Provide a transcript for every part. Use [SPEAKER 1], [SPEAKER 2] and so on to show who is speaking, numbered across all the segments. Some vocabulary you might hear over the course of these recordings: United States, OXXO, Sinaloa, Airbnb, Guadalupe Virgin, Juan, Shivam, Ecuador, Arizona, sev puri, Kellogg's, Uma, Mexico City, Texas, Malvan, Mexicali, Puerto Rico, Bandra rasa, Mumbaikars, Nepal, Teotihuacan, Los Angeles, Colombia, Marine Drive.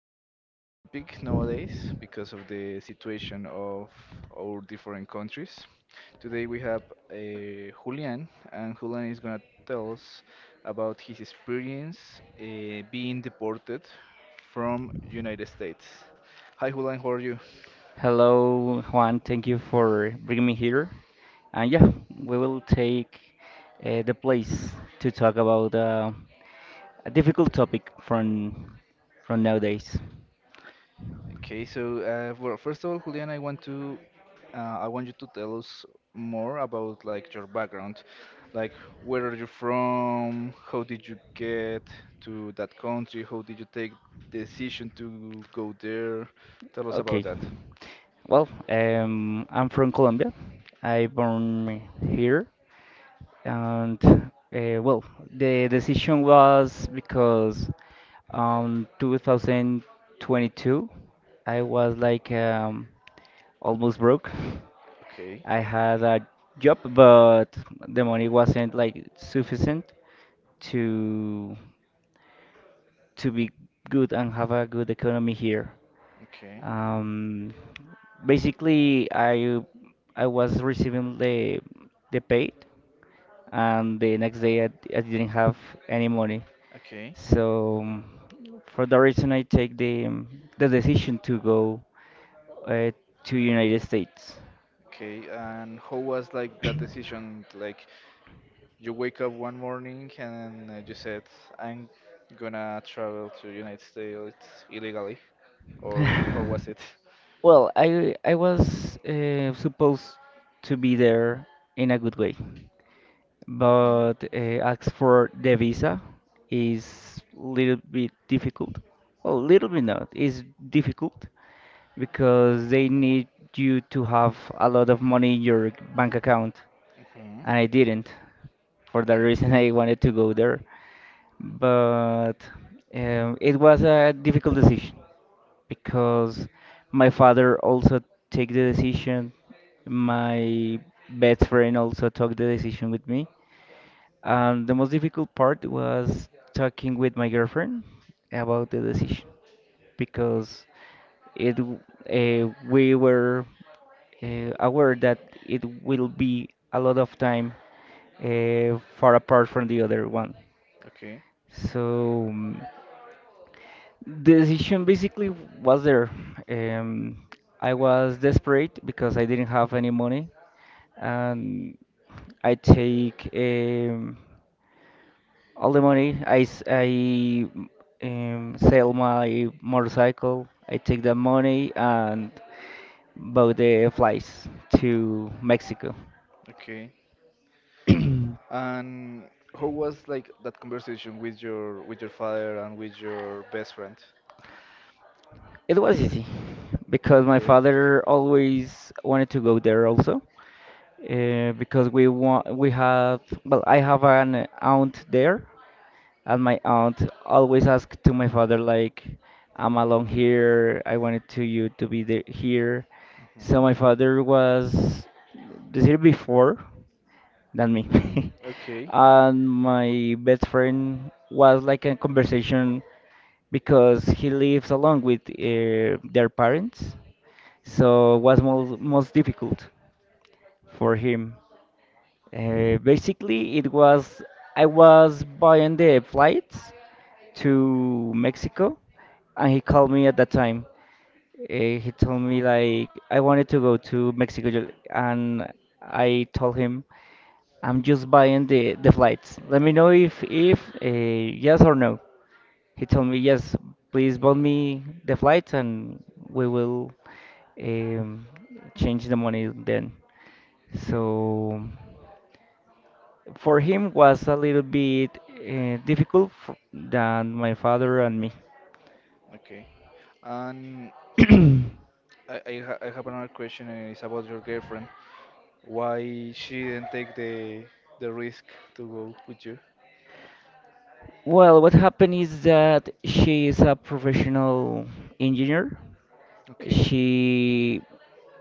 [SPEAKER 1] controversial topic nowadays because of the situation of our different countries. Today we have Julian, and Julian is gonna tell us about his experience being deported from United States. Hi Julian, how are you?
[SPEAKER 2] Hello, Juan. Thank you for bringing me here. And yeah, we will take the place to talk about a difficult topic from nowadays.
[SPEAKER 1] Okay, so well, first of all, Julian, I want to I want you to tell us more about like your background, like where are you from, how did you get to that country, how did you take the decision to go there? Tell us about
[SPEAKER 2] Okay.
[SPEAKER 1] that.
[SPEAKER 2] Well, I'm from Colombia. I born here, and well, the decision was because 2022. I was like almost broke.
[SPEAKER 1] Okay,
[SPEAKER 2] I had a job, but the money wasn't like sufficient to to be good and have a good economy here.
[SPEAKER 1] okay,
[SPEAKER 2] Um, Basically, I was receiving the paid, and the next day I didn't have any money.
[SPEAKER 1] okay,
[SPEAKER 2] So for that reason, I take the decision to go uh, to United States.
[SPEAKER 1] okay. And how was like that decision? Like, you wake up one morning and you said, "I'm gonna travel to United States illegally," or how was it?
[SPEAKER 2] Well, I was supposed to be there in a good way,
[SPEAKER 1] Mhm.
[SPEAKER 2] but ask for the visa is little bit difficult. Well, little bit not. It's difficult because they need you to have a lot of money in your bank account,
[SPEAKER 1] Mhm.
[SPEAKER 2] and I didn't. For that
[SPEAKER 1] Okay.
[SPEAKER 2] reason, I wanted to go there, but it was a difficult decision because my father also took the decision. My best friend also took the decision with me. The most difficult part was talking with my girlfriend about the decision because it we were aware that it will be a lot of time far apart from the other one.
[SPEAKER 1] Okay.
[SPEAKER 2] So the decision basically was there. Um, I was desperate because I didn't have any money, and I take all the money sell my motorcycle. I take the money and bought the flights to Mexico.
[SPEAKER 1] Okay. And how was like that conversation with your father and with your best friend?
[SPEAKER 2] It was easy because my
[SPEAKER 1] Okay.
[SPEAKER 2] father always wanted to go there also. Because we want we have well, I have an aunt there, and my aunt always asked to my father like, I'm alone here, I wanted to you to be there here. So
[SPEAKER 1] Mhm.
[SPEAKER 2] my father was this year before than me.
[SPEAKER 1] Okay.
[SPEAKER 2] And my best friend was like a conversation because he lives along with their parents, so it was most difficult for him. Basically, it was I was buying the flights to Mexico, and he called me at that time. He told me like, I wanted to go to Mexico, and I told him, I'm just buying the flights. Let me know if yes or no. He told me yes. Please bought me the flights, and we will um, change the money then.
[SPEAKER 1] Okay.
[SPEAKER 2] So for him was a little bit difficult f than my father and me.
[SPEAKER 1] Okay. And I have another question, and it's about your girlfriend. Why she didn't take the risk to go with you?
[SPEAKER 2] Well, what happened is that she is a professional engineer.
[SPEAKER 1] Okay.
[SPEAKER 2] She,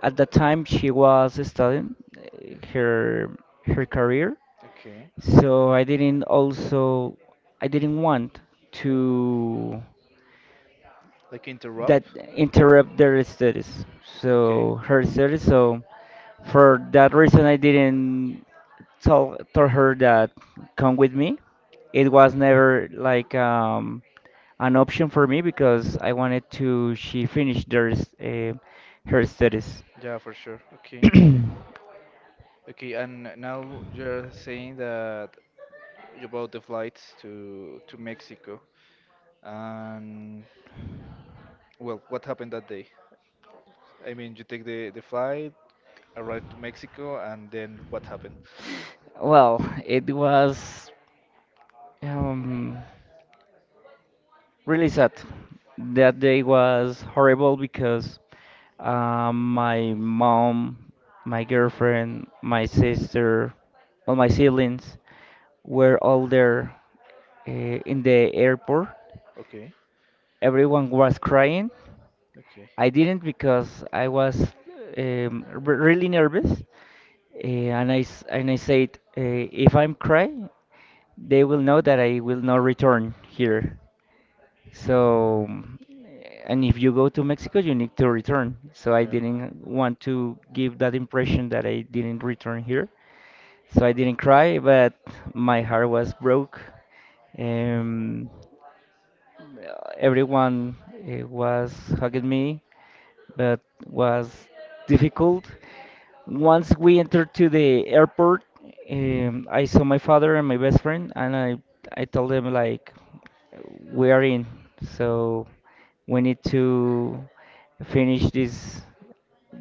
[SPEAKER 2] at the time, she was studying her career,
[SPEAKER 1] Okay.
[SPEAKER 2] so I didn't want to.
[SPEAKER 1] Like
[SPEAKER 2] That
[SPEAKER 1] interrupt?
[SPEAKER 2] Interrupt their studies,
[SPEAKER 1] Okay.
[SPEAKER 2] so her studies. So for that reason, I didn't tell told her that come with me. It was never like an option for me because I wanted to she finish her studies.
[SPEAKER 1] Yeah, for sure. Okay. Okay, and now you're saying that you bought the flights to Mexico. And well, what happened that day? I mean, you take the flight, arrive to Mexico, and then what happened?
[SPEAKER 2] Well, it was um, really sad. That day was horrible because my mom, my girlfriend, my sister, all my siblings were all there uh, in the airport.
[SPEAKER 1] Okay.
[SPEAKER 2] Everyone was crying.
[SPEAKER 1] Okay.
[SPEAKER 2] I didn't because I was really nervous, and and I said, if I'm cry, they will know that I will not return here. So, and if you go to Mexico, you need to return. So I
[SPEAKER 1] Yeah.
[SPEAKER 2] didn't want to give that impression that I didn't return here. So I didn't cry, but my heart was broke. Um, Everyone was hugging me, but was difficult. Once we entered to the airport, I saw my father and my best friend, and I told them like, we are in, so we need to finish this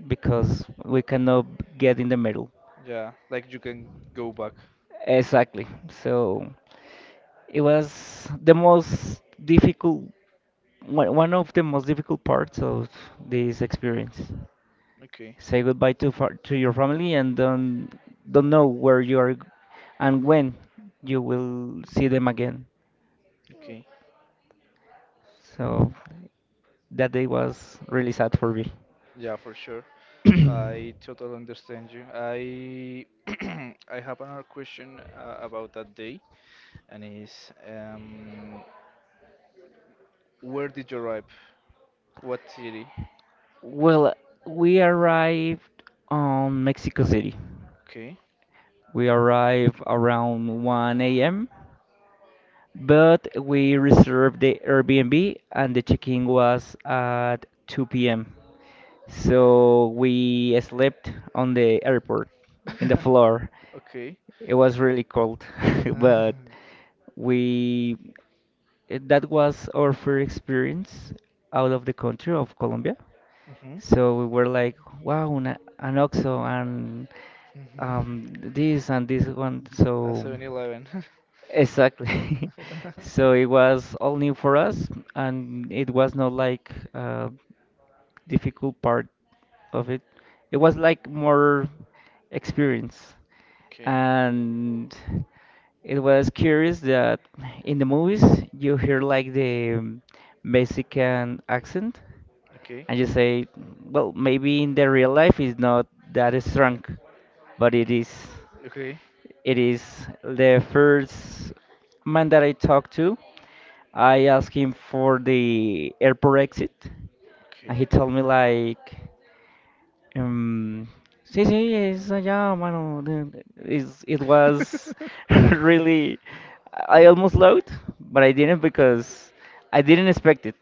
[SPEAKER 2] because we cannot get in the middle.
[SPEAKER 1] Yeah, like you can go back.
[SPEAKER 2] Exactly. So it was the most difficult, one of the most difficult parts of this experience.
[SPEAKER 1] Okay.
[SPEAKER 2] Say goodbye to your family and don't know where and when you will see them again.
[SPEAKER 1] Okay.
[SPEAKER 2] So that day was really sad for me.
[SPEAKER 1] Yeah, for sure. I totally understand you. I I have another question about that day, and is where did you arrive? What city?
[SPEAKER 2] Well, we arrived on Mexico City.
[SPEAKER 1] Okay.
[SPEAKER 2] We arrived around 1 a.m., but we reserved the Airbnb and the check-in was at 2 p.m. So we slept on the airport in the floor.
[SPEAKER 1] Okay.
[SPEAKER 2] It was really cold, but we that was our first experience out of the country of Colombia. So we were like, wow, an OXXO and
[SPEAKER 1] Mm-hmm.
[SPEAKER 2] this and this one.
[SPEAKER 1] A
[SPEAKER 2] So
[SPEAKER 1] 7-Eleven.
[SPEAKER 2] exactly, so it was all new for us, and it was not like a difficult part of it. It was like more experience.
[SPEAKER 1] Okay.
[SPEAKER 2] And it was curious that in the movies you hear like the Mexican accent
[SPEAKER 1] Okay.
[SPEAKER 2] and you say, well, maybe in the real life it's not that strong, but it is.
[SPEAKER 1] Okay.
[SPEAKER 2] It is the first man that I talked to. I asked him for the airport exit, and
[SPEAKER 1] Okay.
[SPEAKER 2] he told me like, Um, sí, sí, es allá, mano. It was really. I almost loved, but I didn't because I didn't expect it.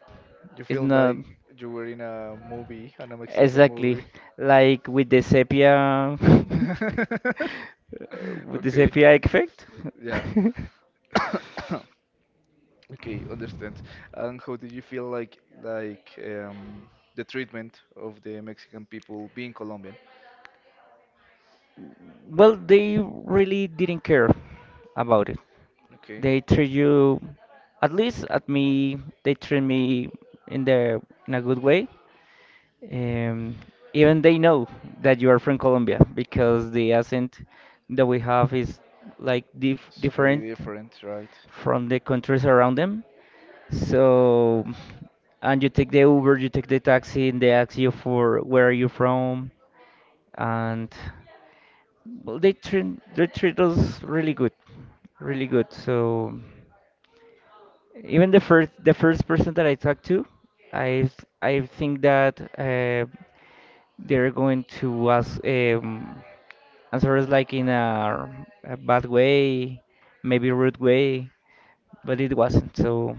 [SPEAKER 1] You
[SPEAKER 2] It's
[SPEAKER 1] feel
[SPEAKER 2] not
[SPEAKER 1] like you were in a movie, in a Mexican
[SPEAKER 2] exactly
[SPEAKER 1] movie.
[SPEAKER 2] like with the sepia, with the
[SPEAKER 1] Okay.
[SPEAKER 2] sepia effect.
[SPEAKER 1] Yeah. Okay, understand. And how did you feel like the treatment of the Mexican people being Colombian?
[SPEAKER 2] Well, they really didn't care about it.
[SPEAKER 1] Okay.
[SPEAKER 2] They treat you, at least at me, they treat me in the in a good way. Um, Even they know that you are from Colombia because the accent that we have is like
[SPEAKER 1] It's
[SPEAKER 2] different
[SPEAKER 1] very different, right?
[SPEAKER 2] from the countries around them. So, and you take the Uber, you take the taxi, and they ask you for where are you from, and well, they treat us really good, really good. So even the first person that I talked to, I I think that they're going to ask answer us like in a bad way, maybe rude way, but it wasn't. So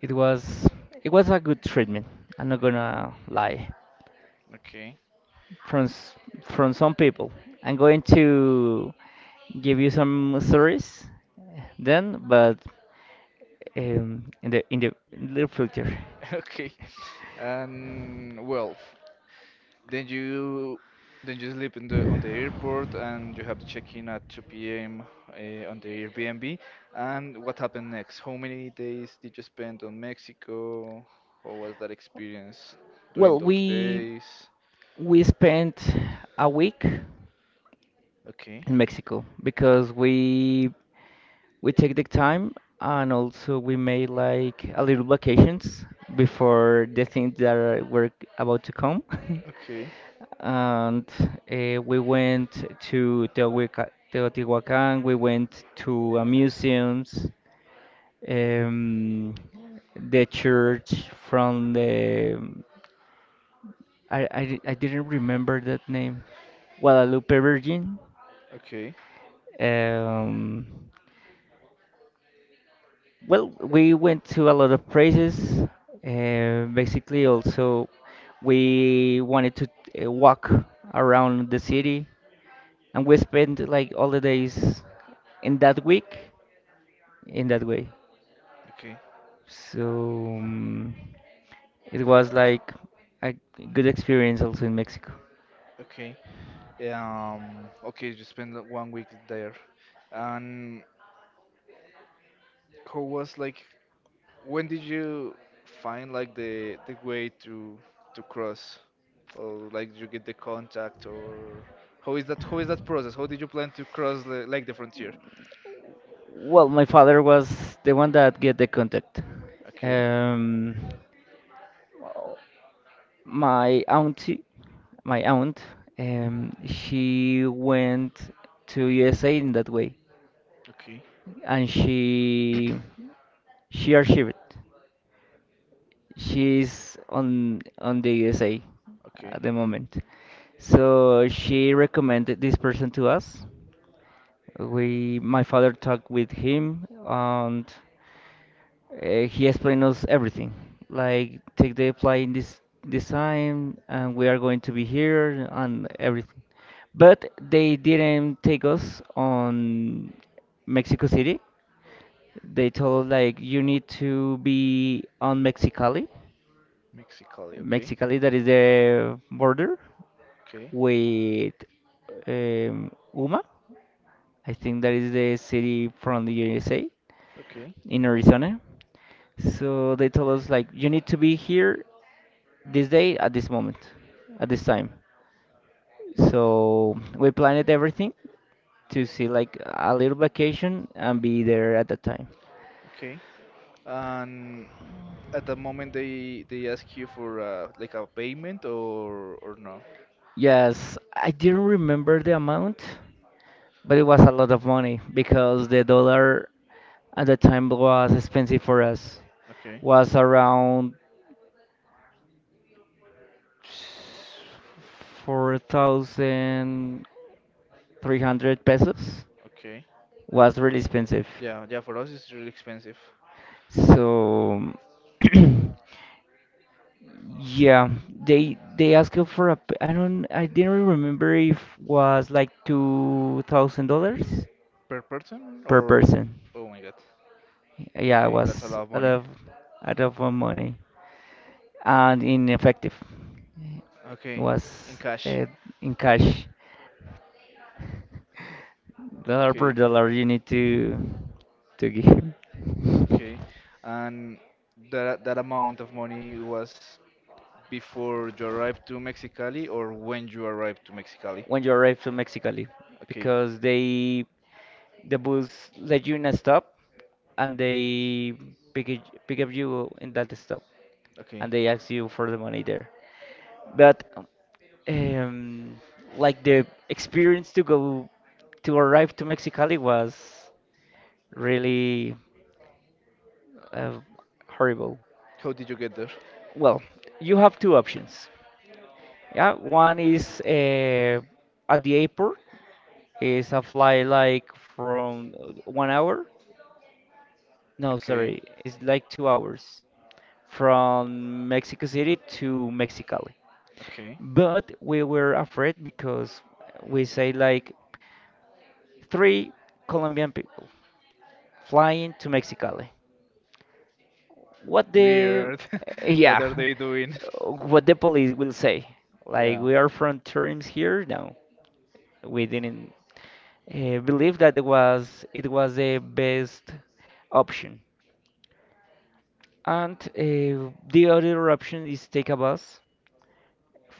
[SPEAKER 2] it was it was a good treatment. I'm not gonna lie.
[SPEAKER 1] Okay.
[SPEAKER 2] from s- from some people. I'm going to give you some stories then, but in the near future.
[SPEAKER 1] Okay. And well, then you then you sleep in the on the airport and you have to check in at 2 p.m. On the Airbnb. And what happened next? How many days did you spend on Mexico? How was that experience during
[SPEAKER 2] Well,
[SPEAKER 1] those
[SPEAKER 2] we
[SPEAKER 1] days?
[SPEAKER 2] we spent a week in
[SPEAKER 1] Okay.
[SPEAKER 2] Mexico because we take the time and also we made like a little vacations before the things that were about to come.
[SPEAKER 1] Okay.
[SPEAKER 2] And we went to Teotihuacan, we went to museums, um, the church from the I, di- I didn't remember that name, Guadalupe Virgin.
[SPEAKER 1] Okay.
[SPEAKER 2] Um, well, we went to a lot of places. Basically, also we wanted to walk around the city, and we spent like all the days in that week in that way.
[SPEAKER 1] Okay.
[SPEAKER 2] So it was like a good experience also in Mexico.
[SPEAKER 1] Okay. Okay, you spent like 1 week there. And how was like, when did you find like the way to cross? Or like you get the contact or how is that process? How did you plan to cross the, like the frontier?
[SPEAKER 2] Well, my father was the one that get the contact.
[SPEAKER 1] Okay,
[SPEAKER 2] Um, my auntie, my aunt, she went to USA in that way,
[SPEAKER 1] okay,
[SPEAKER 2] and she archived. She's on the USA at
[SPEAKER 1] okay.
[SPEAKER 2] the moment. So she recommended this person to us. We My father talked with him, and he explained us everything. Like take the flight in this time, and we are going to be here and everything. But they didn't take us on Mexico City. They told us like, you need to be on Mexicali.
[SPEAKER 1] Mexicali, okay,
[SPEAKER 2] Mexicali, that is the border
[SPEAKER 1] okay,
[SPEAKER 2] with Uma. I think that is the city from the USA
[SPEAKER 1] okay.
[SPEAKER 2] in Arizona. So they told us like, you need to be here this day at this moment, at this time. So we planned everything to see like a little vacation and be there at that time.
[SPEAKER 1] Okay. And at the moment they ask you for like a payment or no?
[SPEAKER 2] Yes, I didn't remember the amount, but it was a lot of money because the dollar at the time was expensive for us,
[SPEAKER 1] Okay.
[SPEAKER 2] was around 4300 pesos,
[SPEAKER 1] Okay.
[SPEAKER 2] was really expensive.
[SPEAKER 1] Yeah, yeah, for us it's really expensive.
[SPEAKER 2] So yeah, they asked you for I didn't really remember if was like $2,000
[SPEAKER 1] Per person
[SPEAKER 2] per
[SPEAKER 1] or
[SPEAKER 2] person.
[SPEAKER 1] oh my God.
[SPEAKER 2] Yeah, it
[SPEAKER 1] Okay, that's a
[SPEAKER 2] was
[SPEAKER 1] lot of money.
[SPEAKER 2] a lot of money and ineffective. It
[SPEAKER 1] Okay, in
[SPEAKER 2] was
[SPEAKER 1] cash.
[SPEAKER 2] in cash, dollar per
[SPEAKER 1] Okay.
[SPEAKER 2] dollar. You need to give.
[SPEAKER 1] Okay. And that that amount of money was before you arrive to Mexicali or when you arrive to Mexicali?
[SPEAKER 2] When you arrive to Mexicali,
[SPEAKER 1] Okay.
[SPEAKER 2] because the bus let you in a stop, and they pick it, pick up you in that stop,
[SPEAKER 1] Okay.
[SPEAKER 2] and they ask you for the money there. But um, like the experience to arrive to Mexicali was really uh, horrible.
[SPEAKER 1] How did you get there?
[SPEAKER 2] Well, you have two options. Yeah, one is at the airport. It's a flight like from 1 hour. No,
[SPEAKER 1] Okay.
[SPEAKER 2] sorry, it's like 2 hours from Mexico City to Mexicali.
[SPEAKER 1] Okay.
[SPEAKER 2] But we were afraid because we say like three Colombian people flying to Mexicali. What the
[SPEAKER 1] Weird. What
[SPEAKER 2] Yeah,
[SPEAKER 1] are they doing?
[SPEAKER 2] what the police will say, like
[SPEAKER 1] Yeah.
[SPEAKER 2] we are from terms here, no we didn't believe that it was the best option. And the other option is take a bus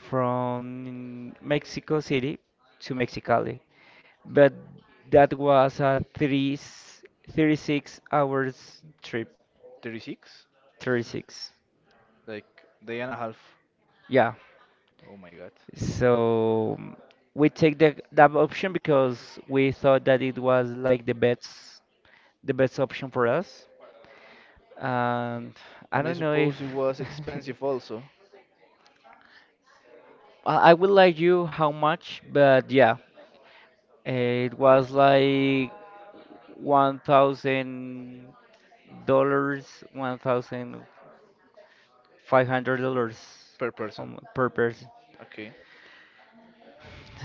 [SPEAKER 2] from Mexico City to Mexicali, but that was a three thirty-six hours trip.
[SPEAKER 1] 36?
[SPEAKER 2] 36,
[SPEAKER 1] Like day and a half.
[SPEAKER 2] yeah.
[SPEAKER 1] Oh my god.
[SPEAKER 2] So we take the that option because we thought that it was like the best option for us. And I
[SPEAKER 1] And I
[SPEAKER 2] don't know if
[SPEAKER 1] suppose it was expensive also
[SPEAKER 2] I would like you how much, but yeah, it was like $1,000, $1,500
[SPEAKER 1] per person.
[SPEAKER 2] per person.
[SPEAKER 1] Okay.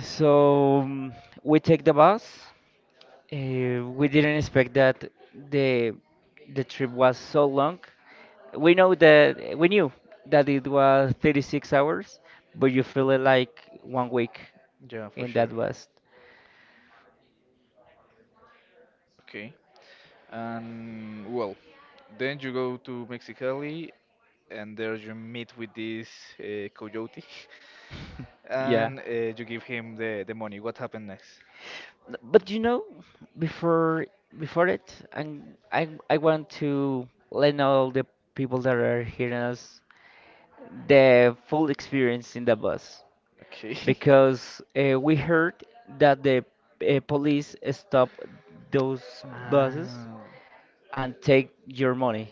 [SPEAKER 2] So we take the bus. We didn't expect that the the trip was so long. We knew that it was 36 hours, but you feel it like 1 week,
[SPEAKER 1] Yeah, for
[SPEAKER 2] and that
[SPEAKER 1] sure.
[SPEAKER 2] was
[SPEAKER 1] Okay. And well, then you go to Mexicali, and there you meet with this coyote,
[SPEAKER 2] yeah.
[SPEAKER 1] and you give him the money. What happened next?
[SPEAKER 2] But you know, before before it, and I want to let all the people that are hearing us the full experience in the bus.
[SPEAKER 1] Okay.
[SPEAKER 2] Because we heard that the police stop those buses
[SPEAKER 1] Ah,
[SPEAKER 2] and take your money.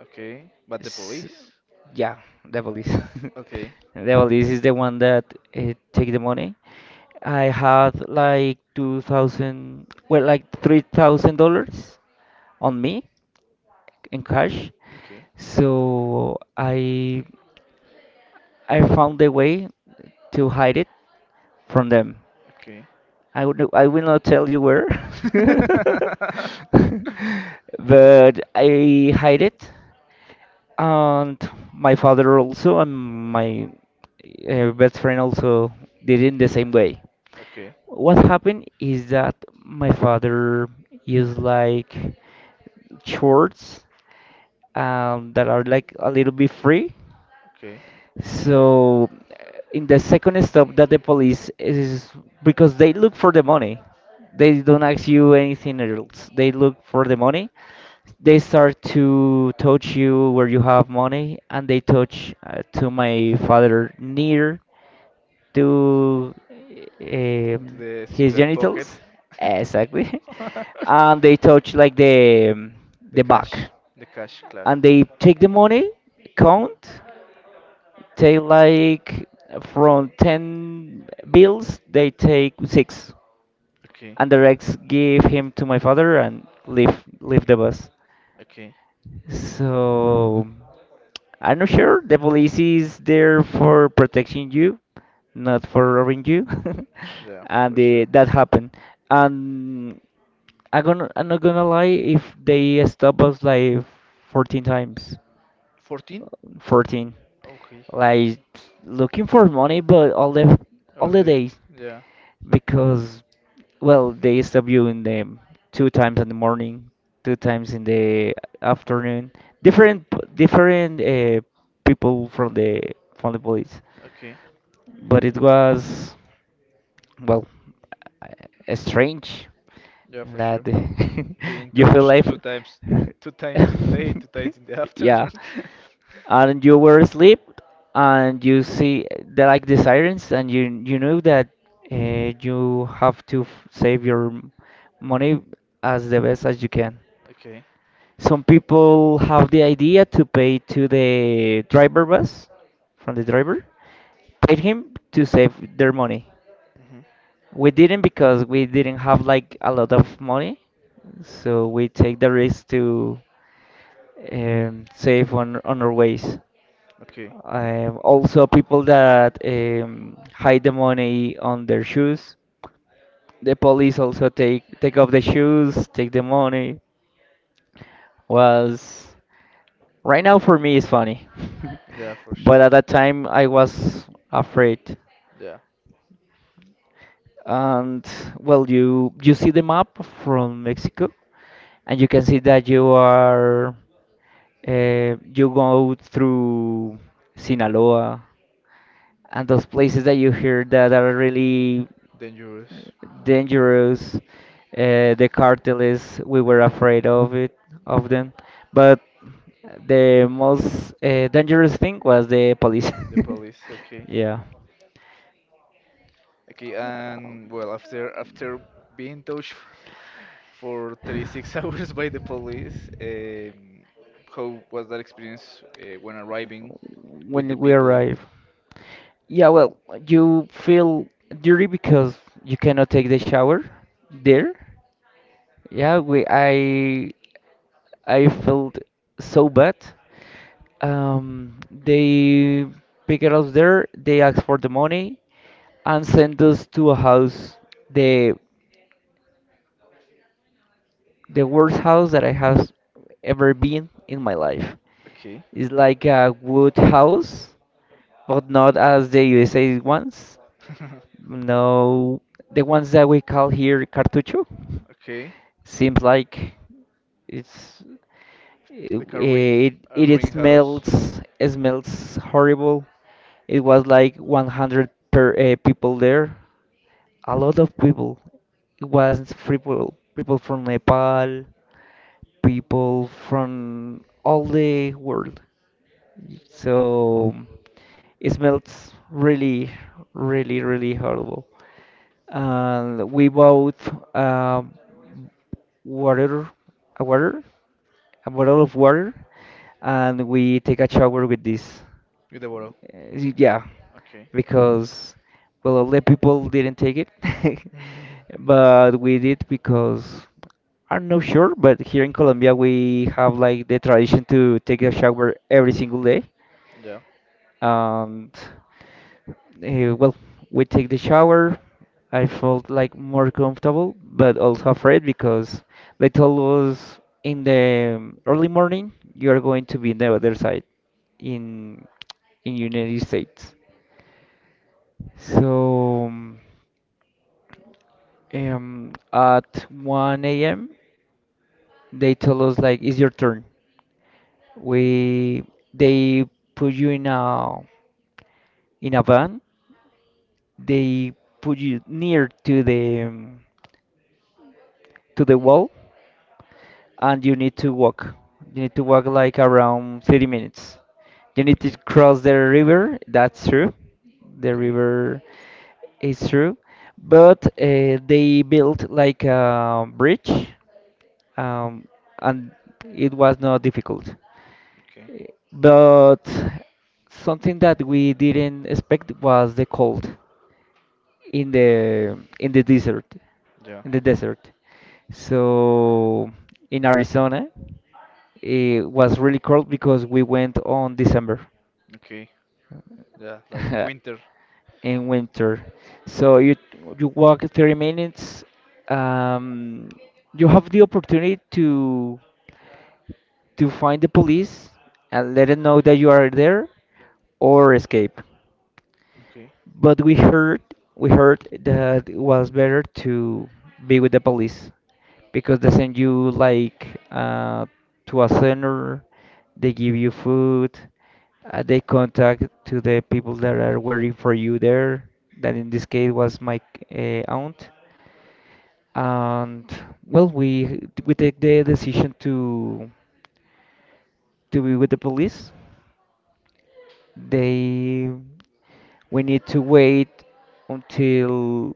[SPEAKER 1] okay. But the
[SPEAKER 2] S
[SPEAKER 1] police.
[SPEAKER 2] Yeah, the police.
[SPEAKER 1] Okay,
[SPEAKER 2] The police is the one that take the money. I had like 2,000, well, like $3,000 on me in cash.
[SPEAKER 1] okay,
[SPEAKER 2] So I found a way to hide it from them.
[SPEAKER 1] okay.
[SPEAKER 2] I will not tell you where, but I hide it, and my father also, and my best friend also did it in the same way.
[SPEAKER 1] Okay,
[SPEAKER 2] What happened is that my father used like shorts that are like a little bit free.
[SPEAKER 1] okay.
[SPEAKER 2] So in the second stop that the police is, because they look for the money. They don't ask you anything else. They look for the money. They start to touch you where you have money, and they touch to my father near to
[SPEAKER 1] To
[SPEAKER 2] um,
[SPEAKER 1] the
[SPEAKER 2] his
[SPEAKER 1] secret pocket.
[SPEAKER 2] genitals, exactly, and they touch like the
[SPEAKER 1] The
[SPEAKER 2] the
[SPEAKER 1] cash,
[SPEAKER 2] back,
[SPEAKER 1] the cash class.
[SPEAKER 2] and they take the money, count, they like from 10 bills, they take six.
[SPEAKER 1] Okay,
[SPEAKER 2] And the rest give him to my father and leave the bus.
[SPEAKER 1] okay,
[SPEAKER 2] So I'm not sure. The police is there for protecting you, not for robbing you.
[SPEAKER 1] yeah, for
[SPEAKER 2] And
[SPEAKER 1] sure.
[SPEAKER 2] that happened. And I'm not gonna lie, if they stop us like 14 times.
[SPEAKER 1] 14?
[SPEAKER 2] 14,
[SPEAKER 1] Okay,
[SPEAKER 2] like looking for money, but all the
[SPEAKER 1] all the,
[SPEAKER 2] days.
[SPEAKER 1] yeah,
[SPEAKER 2] Because well, they stop you in the two times in the morning, two times in the afternoon, different people from the police.
[SPEAKER 1] okay,
[SPEAKER 2] But it was well, strange
[SPEAKER 1] yeah, for
[SPEAKER 2] that
[SPEAKER 1] sure. Being
[SPEAKER 2] you feel
[SPEAKER 1] touched
[SPEAKER 2] like
[SPEAKER 1] two times in the day, two times in the
[SPEAKER 2] yeah,
[SPEAKER 1] afternoon.
[SPEAKER 2] and you were asleep and you see the like the sirens and you know that you have to save your money as the best as you can.
[SPEAKER 1] Okay.
[SPEAKER 2] Some people have the idea to pay to the driver bus, from the driver, pay him to save their money.
[SPEAKER 1] Hmm.
[SPEAKER 2] We didn't, because we didn't have like a lot of money, so we take the risk to save on our ways.
[SPEAKER 1] Okay.
[SPEAKER 2] Also, people that hide the money on their shoes, the police also take off the shoes, take the money. Was right now for me is funny,
[SPEAKER 1] Yeah, for sure.
[SPEAKER 2] but at that time I was afraid.
[SPEAKER 1] Yeah.
[SPEAKER 2] And well, you see the map from Mexico, and you can see that you are you go through Sinaloa and those places that you hear that are really
[SPEAKER 1] Dangerous.
[SPEAKER 2] dangerous. The cartels, we were afraid of it, of them, but the most dangerous thing was the police.
[SPEAKER 1] The police. Okay.
[SPEAKER 2] Yeah,
[SPEAKER 1] Okay, and well, after being touched for 36 hours by the police, how was that experience when arriving with the
[SPEAKER 2] when we
[SPEAKER 1] people?
[SPEAKER 2] arrived. Yeah, well, you feel dirty because you cannot take the shower there. Yeah, we I felt so bad. They picked us there. They asked for the money and sent us to a house, the the worst house that I have ever been in my life.
[SPEAKER 1] Okay,
[SPEAKER 2] It's like a wood house, but not as the USA ones. No, the ones that we call here cartucho.
[SPEAKER 1] okay,
[SPEAKER 2] Seems like it's
[SPEAKER 1] like a
[SPEAKER 2] it
[SPEAKER 1] rain house
[SPEAKER 2] smells horrible. It was like 100 per people there. A lot of people. It was people from Nepal, people from all the world. So it smells really, really horrible. And we bought. Um, water, a water, a bottle of water, and we take a shower with this.
[SPEAKER 1] with a bottle.
[SPEAKER 2] Yeah,
[SPEAKER 1] Okay,
[SPEAKER 2] because well, all the people didn't take it, but we did because I'm not sure. But here in Colombia, we have like the tradition to take a shower every single day.
[SPEAKER 1] yeah,
[SPEAKER 2] And well, we take the shower. I felt like more comfortable, but also afraid because they told us in the early morning you are going to be in the other side in United States. So at 1 a.m. they told us like it's your turn.
[SPEAKER 1] okay,
[SPEAKER 2] We they put you in a van. They put you near to the wall, and you need to walk. You need to walk like around 30 minutes. You need to cross the river, that's true. The
[SPEAKER 1] okay, okay,
[SPEAKER 2] river is true. But they built like a bridge, um, and it was not difficult.
[SPEAKER 1] okay.
[SPEAKER 2] But something that we didn't expect was the cold in the desert,
[SPEAKER 1] Yeah.
[SPEAKER 2] in the desert. So in Arizona, it was really cold because we went on December,
[SPEAKER 1] Okay. Yeah, like winter.
[SPEAKER 2] in winter. So you walk 30 minutes. Um, you have the opportunity to find the police and let them know that you are there, or escape.
[SPEAKER 1] Okay.
[SPEAKER 2] But we heard that it was better to be with the police, because they send you like to a center, they give you food, they contact to the people that are waiting for you there. That in this case was my aunt, and well, we take the decision to be with the police. They we need to wait until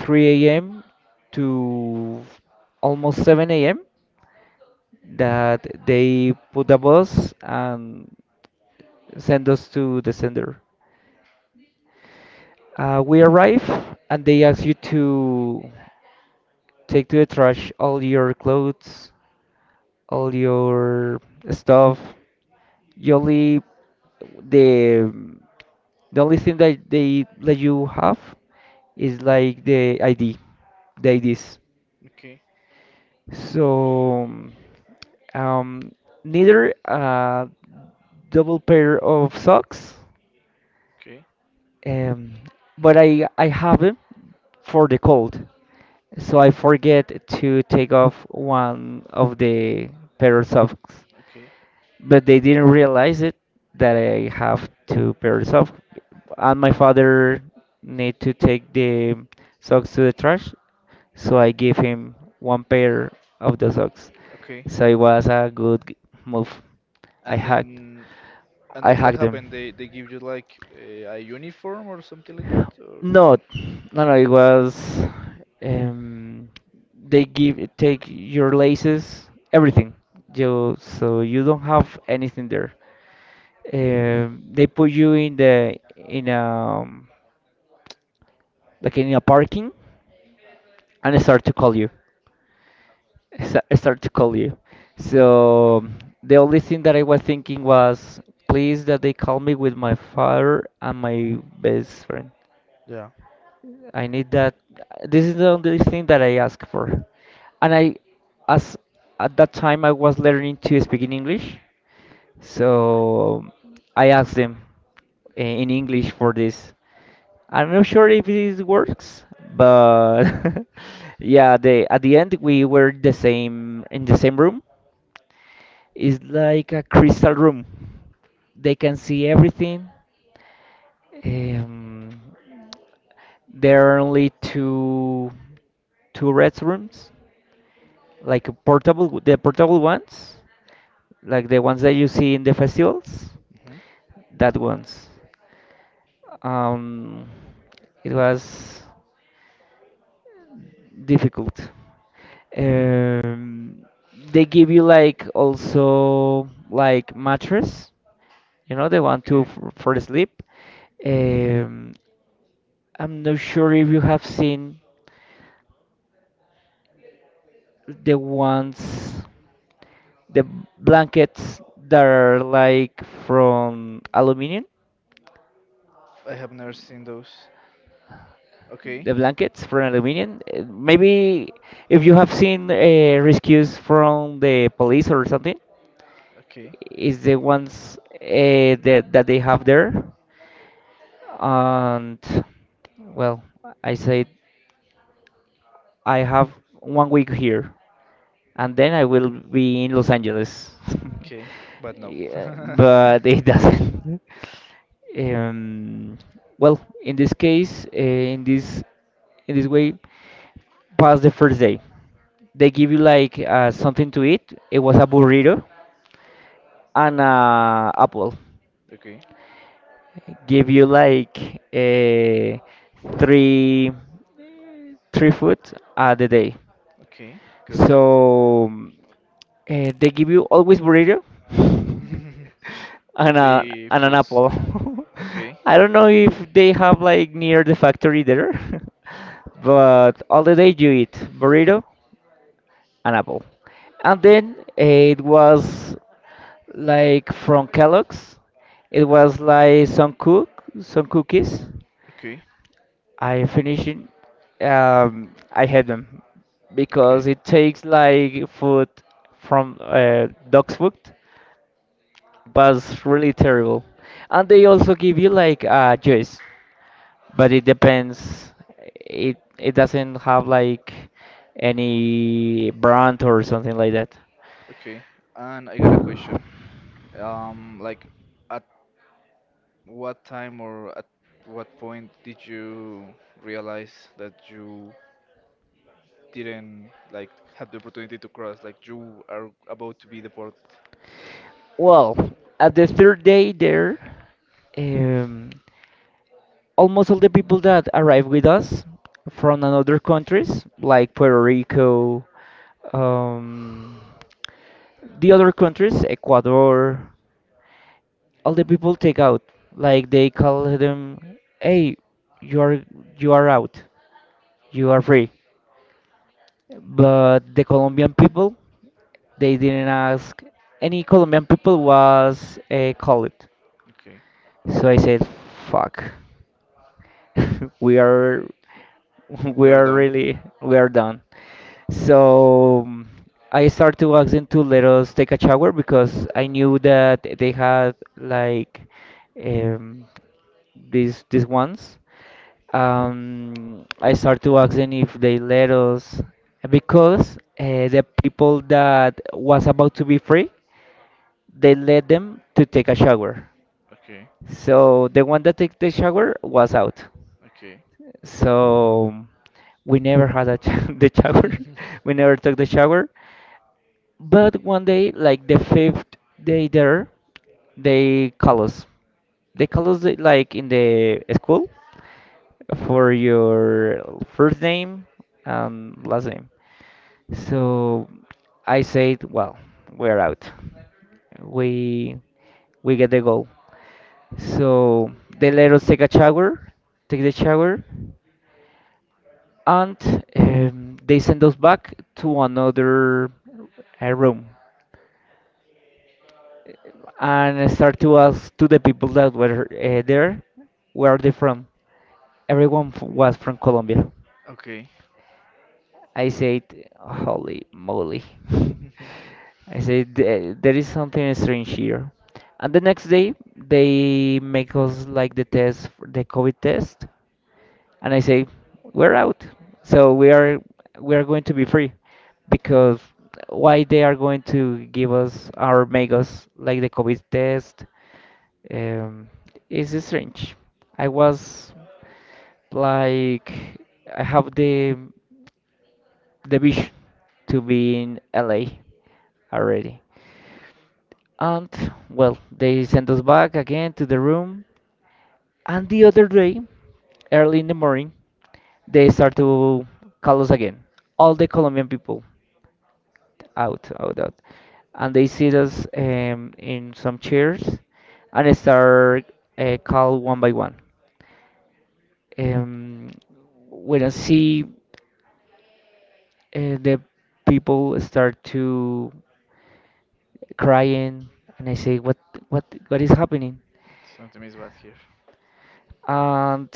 [SPEAKER 2] 3 a.m. to almost 7 a.m., that they put a bus and send us to the sender. We arrive and they ask you to take to the trash all your clothes, all your stuff. You only the the only thing that they let you have is like the ID, the IDs.
[SPEAKER 1] Okay.
[SPEAKER 2] So um, neither a double pair of socks.
[SPEAKER 1] Okay.
[SPEAKER 2] Um, but I have them for the cold. So I forget to take off one of the pair of socks.
[SPEAKER 1] Okay.
[SPEAKER 2] But they didn't realize it, that I have to pair it up. And my father need to take the socks to the trash, so I give him one pair of the socks.
[SPEAKER 1] Okay.
[SPEAKER 2] So it was a move. I
[SPEAKER 1] And
[SPEAKER 2] hacked.
[SPEAKER 1] then
[SPEAKER 2] I
[SPEAKER 1] what
[SPEAKER 2] hacked them.
[SPEAKER 1] happened? They give you like a uniform or something like that
[SPEAKER 2] No,
[SPEAKER 1] or
[SPEAKER 2] no. It was um, they give take your laces, everything. You so you don't have anything there. They put you in the in like in a parking, and they start to call you. I sta- I Start to call you. So the only thing that I was thinking was, please that they call me with my father and my best friend.
[SPEAKER 1] yeah.
[SPEAKER 2] I need that. This is the only thing that I ask for. And I, as at that time, I was learning to speak in English, so I asked them in English for this. I'm not sure if it works, but yeah, they at the end we were the same in the same room. It's like a crystal room. They can see everything. Um, there are only two restrooms, like a portable the portable ones, like the ones that you see in the festivals.
[SPEAKER 1] Mhm.
[SPEAKER 2] That ones. Um, it was difficult. Um, they give you like also like mattress, you know, the one to
[SPEAKER 1] Okay.
[SPEAKER 2] for the sleep. Um, I'm not sure if you have seen the ones. The blankets that are like from aluminium,
[SPEAKER 1] I have never seen those. Okay.
[SPEAKER 2] the blankets from aluminium. Maybe if you have seen rescues from the police or something,
[SPEAKER 1] Okay.
[SPEAKER 2] is the ones that they have there. And well, I said I have 1 week here, and then I will be in Los Angeles.
[SPEAKER 1] Okay. But no.
[SPEAKER 2] Yeah, but it doesn't. Um, well, in this case, in this way, past the first day, they give you like something to eat. It was a burrito and apple.
[SPEAKER 1] Okay.
[SPEAKER 2] Give you like three three food at the day.
[SPEAKER 1] Okay. Good.
[SPEAKER 2] So they give you always burrito
[SPEAKER 1] The
[SPEAKER 2] and, a,
[SPEAKER 1] three
[SPEAKER 2] and an
[SPEAKER 1] foods.
[SPEAKER 2] apple.
[SPEAKER 1] Okay.
[SPEAKER 2] I don't know if they have like near the factory there, but all the day you eat burrito and apple. And then it was like from Kellogg's. It was like some cookies.
[SPEAKER 1] Okay.
[SPEAKER 2] I finishing. I had them because
[SPEAKER 1] Okay.
[SPEAKER 2] it takes like food from dog's food, but it's really terrible. And they also give you like a juice, but it depends. It doesn't have like any brand or something like that.
[SPEAKER 1] Okay. And I got a question. Like, at what time or at what point did you realize that you didn't like have the opportunity to cross? Like, you are about to be deported.
[SPEAKER 2] Well, at the third day there, um, almost all the people that arrived with us from another countries, like Puerto Rico, um, the other countries, Ecuador, all the people take out like they call them, hey, you are, you are out, you are free. But the colombian people, they didn't ask. Any colombian people was called.
[SPEAKER 1] Okay.
[SPEAKER 2] So I said fuck, we are
[SPEAKER 1] We
[SPEAKER 2] we
[SPEAKER 1] are
[SPEAKER 2] are
[SPEAKER 1] done.
[SPEAKER 2] really, we are done. So I started to ask them to let us take a shower because I knew that they had like um, these ones. I started to ask them if they let us, because the people that was about to be free, they let them to take a shower.
[SPEAKER 1] Okay.
[SPEAKER 2] So the one that took the shower was out.
[SPEAKER 1] Okay.
[SPEAKER 2] So we never had a the shower. We never took the shower. But one day, like the fifth day there, they call us. They call us like in the school for your first name and last name. So I said, well, we're out. We we get the goal. So they let us take a shower, take the shower, and they send us back to another room and start to ask to the people that were there, where are they from. Everyone was from Colombia.
[SPEAKER 1] Okay.
[SPEAKER 2] I said, holy moly. I said, "There is something strange here. And the next day, they make us like the test, for the COVID test. And I say, we're out. So we are, we are going to be free. Because why they are going to give us or make us like the COVID test? um, is strange. I was like, I have the beach to be in LA already. And well, they sent us back again to the room. And the other day, early in the morning, they start to call us again. All the Colombian people, out, out, out. And they sit us in some chairs and start call one by one. Um, when I see the people start to crying, and I say, what what is happening?
[SPEAKER 1] Something is bad here.
[SPEAKER 2] And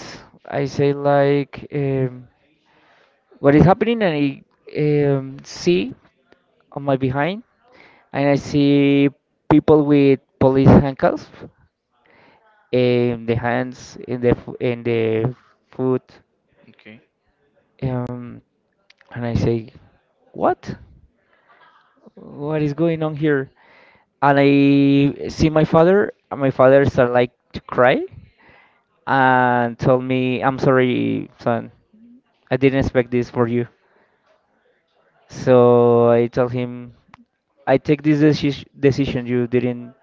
[SPEAKER 2] I say like, what is happening? And I see on my behind and I see people with police handcuffs in the hands, in the in the foot.
[SPEAKER 1] Okay.
[SPEAKER 2] um, and I say, what what is going on here? And I see my father, and my father start like to cry and told me, I'm sorry, son, I didn't expect this for you. So I told him, I take this decision. You didn't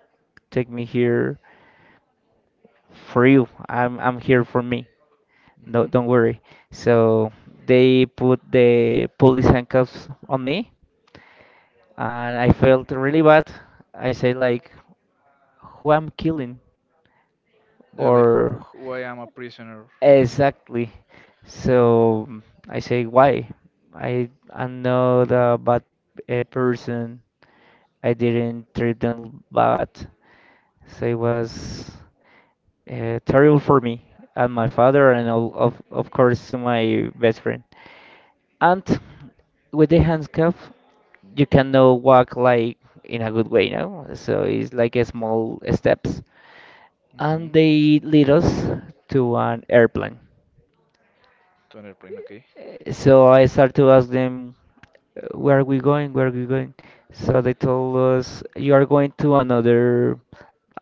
[SPEAKER 2] take me here for you. I'm here for me. No,
[SPEAKER 1] Mm-hmm.
[SPEAKER 2] don't worry. So they put the police handcuffs on me, and I felt really bad. I say like, who I'm killing,
[SPEAKER 1] They're like
[SPEAKER 2] or
[SPEAKER 1] why I'm a prisoner. Like,
[SPEAKER 2] exactly. So I say, why? I'm not a bad person. I didn't treat them bad. So it was terrible for me and my father, and all, of course to my best friend. And with the handcuff, you cannot walk like in a good way, now. So it's like a small steps.
[SPEAKER 1] mm-hmm.
[SPEAKER 2] And they lead us to an airplane.
[SPEAKER 1] To an airplane. Okay.
[SPEAKER 2] So I started to ask them, where are we going? Where are we going? So they told us, you are going to another,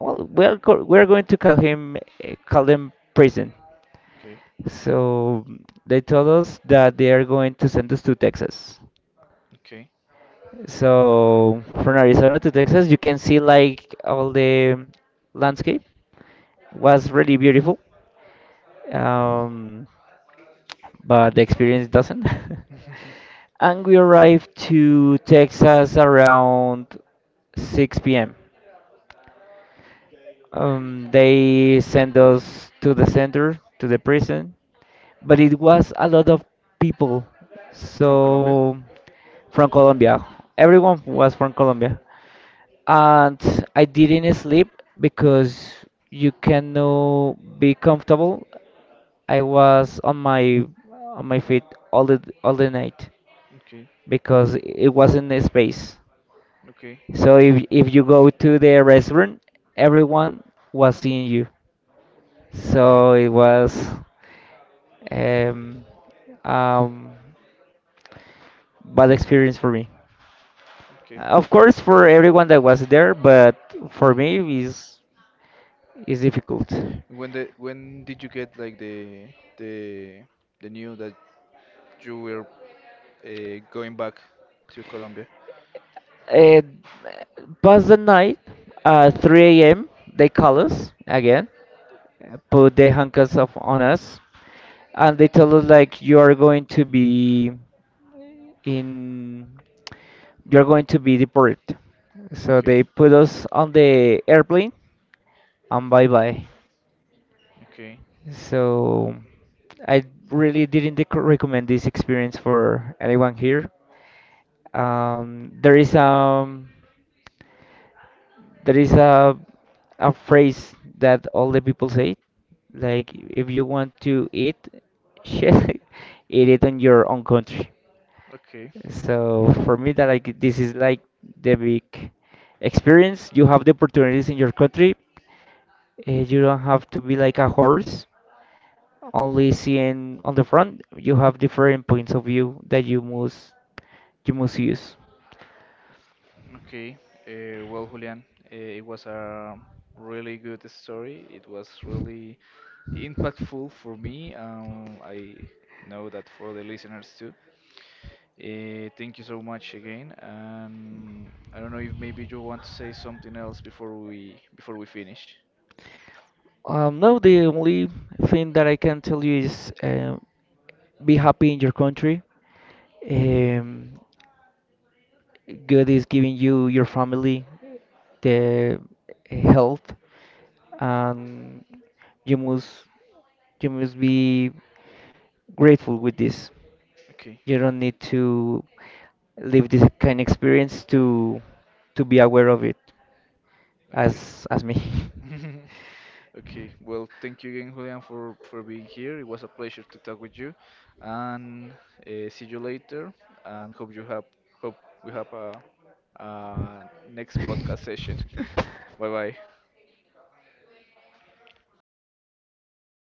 [SPEAKER 2] well, we're going to call him, call them prison.
[SPEAKER 1] Okay.
[SPEAKER 2] So they told us that they are going to send us to Texas.
[SPEAKER 1] Okay.
[SPEAKER 2] So from Arizona to Texas, you can see like all the landscape was really beautiful. Um, but the experience doesn't. And we arrived to Texas around 6 p.m. They sent us to the center, to the prison, but it was a lot of people.
[SPEAKER 1] From Colombia.
[SPEAKER 2] So from Colombia, everyone was from Colombia, and I didn't sleep because you cannot be comfortable. I was on my feet all the night.
[SPEAKER 1] Okay.
[SPEAKER 2] Because it wasn't a space.
[SPEAKER 1] Okay.
[SPEAKER 2] So if you go to the restaurant, everyone was seeing you.
[SPEAKER 1] Okay.
[SPEAKER 2] So it was um, um, bad experience for me.
[SPEAKER 1] Okay.
[SPEAKER 2] Of course, for everyone that was there, but for me is difficult.
[SPEAKER 1] When did you get like the the news that you were going back to Colombia?
[SPEAKER 2] Uh, Past the night, 3 a.m. they call us again, put the handcuffs of, on us, and they tell us like you are going to be in you're going to be deported. So they
[SPEAKER 1] Okay.
[SPEAKER 2] put us on the airplane and bye bye.
[SPEAKER 1] Okay.
[SPEAKER 2] So I really didn't recommend this experience for anyone here. There is there is a phrase that all the people say, like if you want to eat shit, eat it in your own country.
[SPEAKER 1] Okay.
[SPEAKER 2] So for me, that like this is like the big experience. You have the opportunities in your country. You don't have to be like a horse, only seeing on the front. You have different points of view that you must use.
[SPEAKER 1] Okay, well, Julian, it was a really good story. It was really impactful for me. I know that for the listeners too. Thank you so much again. And I don't know if maybe you want to say something else before we finish.
[SPEAKER 2] No, the only thing that I can tell you is, be happy in your country. Um, God is giving you your family, the health, and you must. you must be grateful with this.
[SPEAKER 1] Okay.
[SPEAKER 2] You don't need to live this kind of experience to be aware of it
[SPEAKER 1] Okay.
[SPEAKER 2] as me.
[SPEAKER 1] Okay. Well, thank you again, Julian, for being here. It was a pleasure to talk with you, and see you later. And hope we have a next podcast session. Bye bye.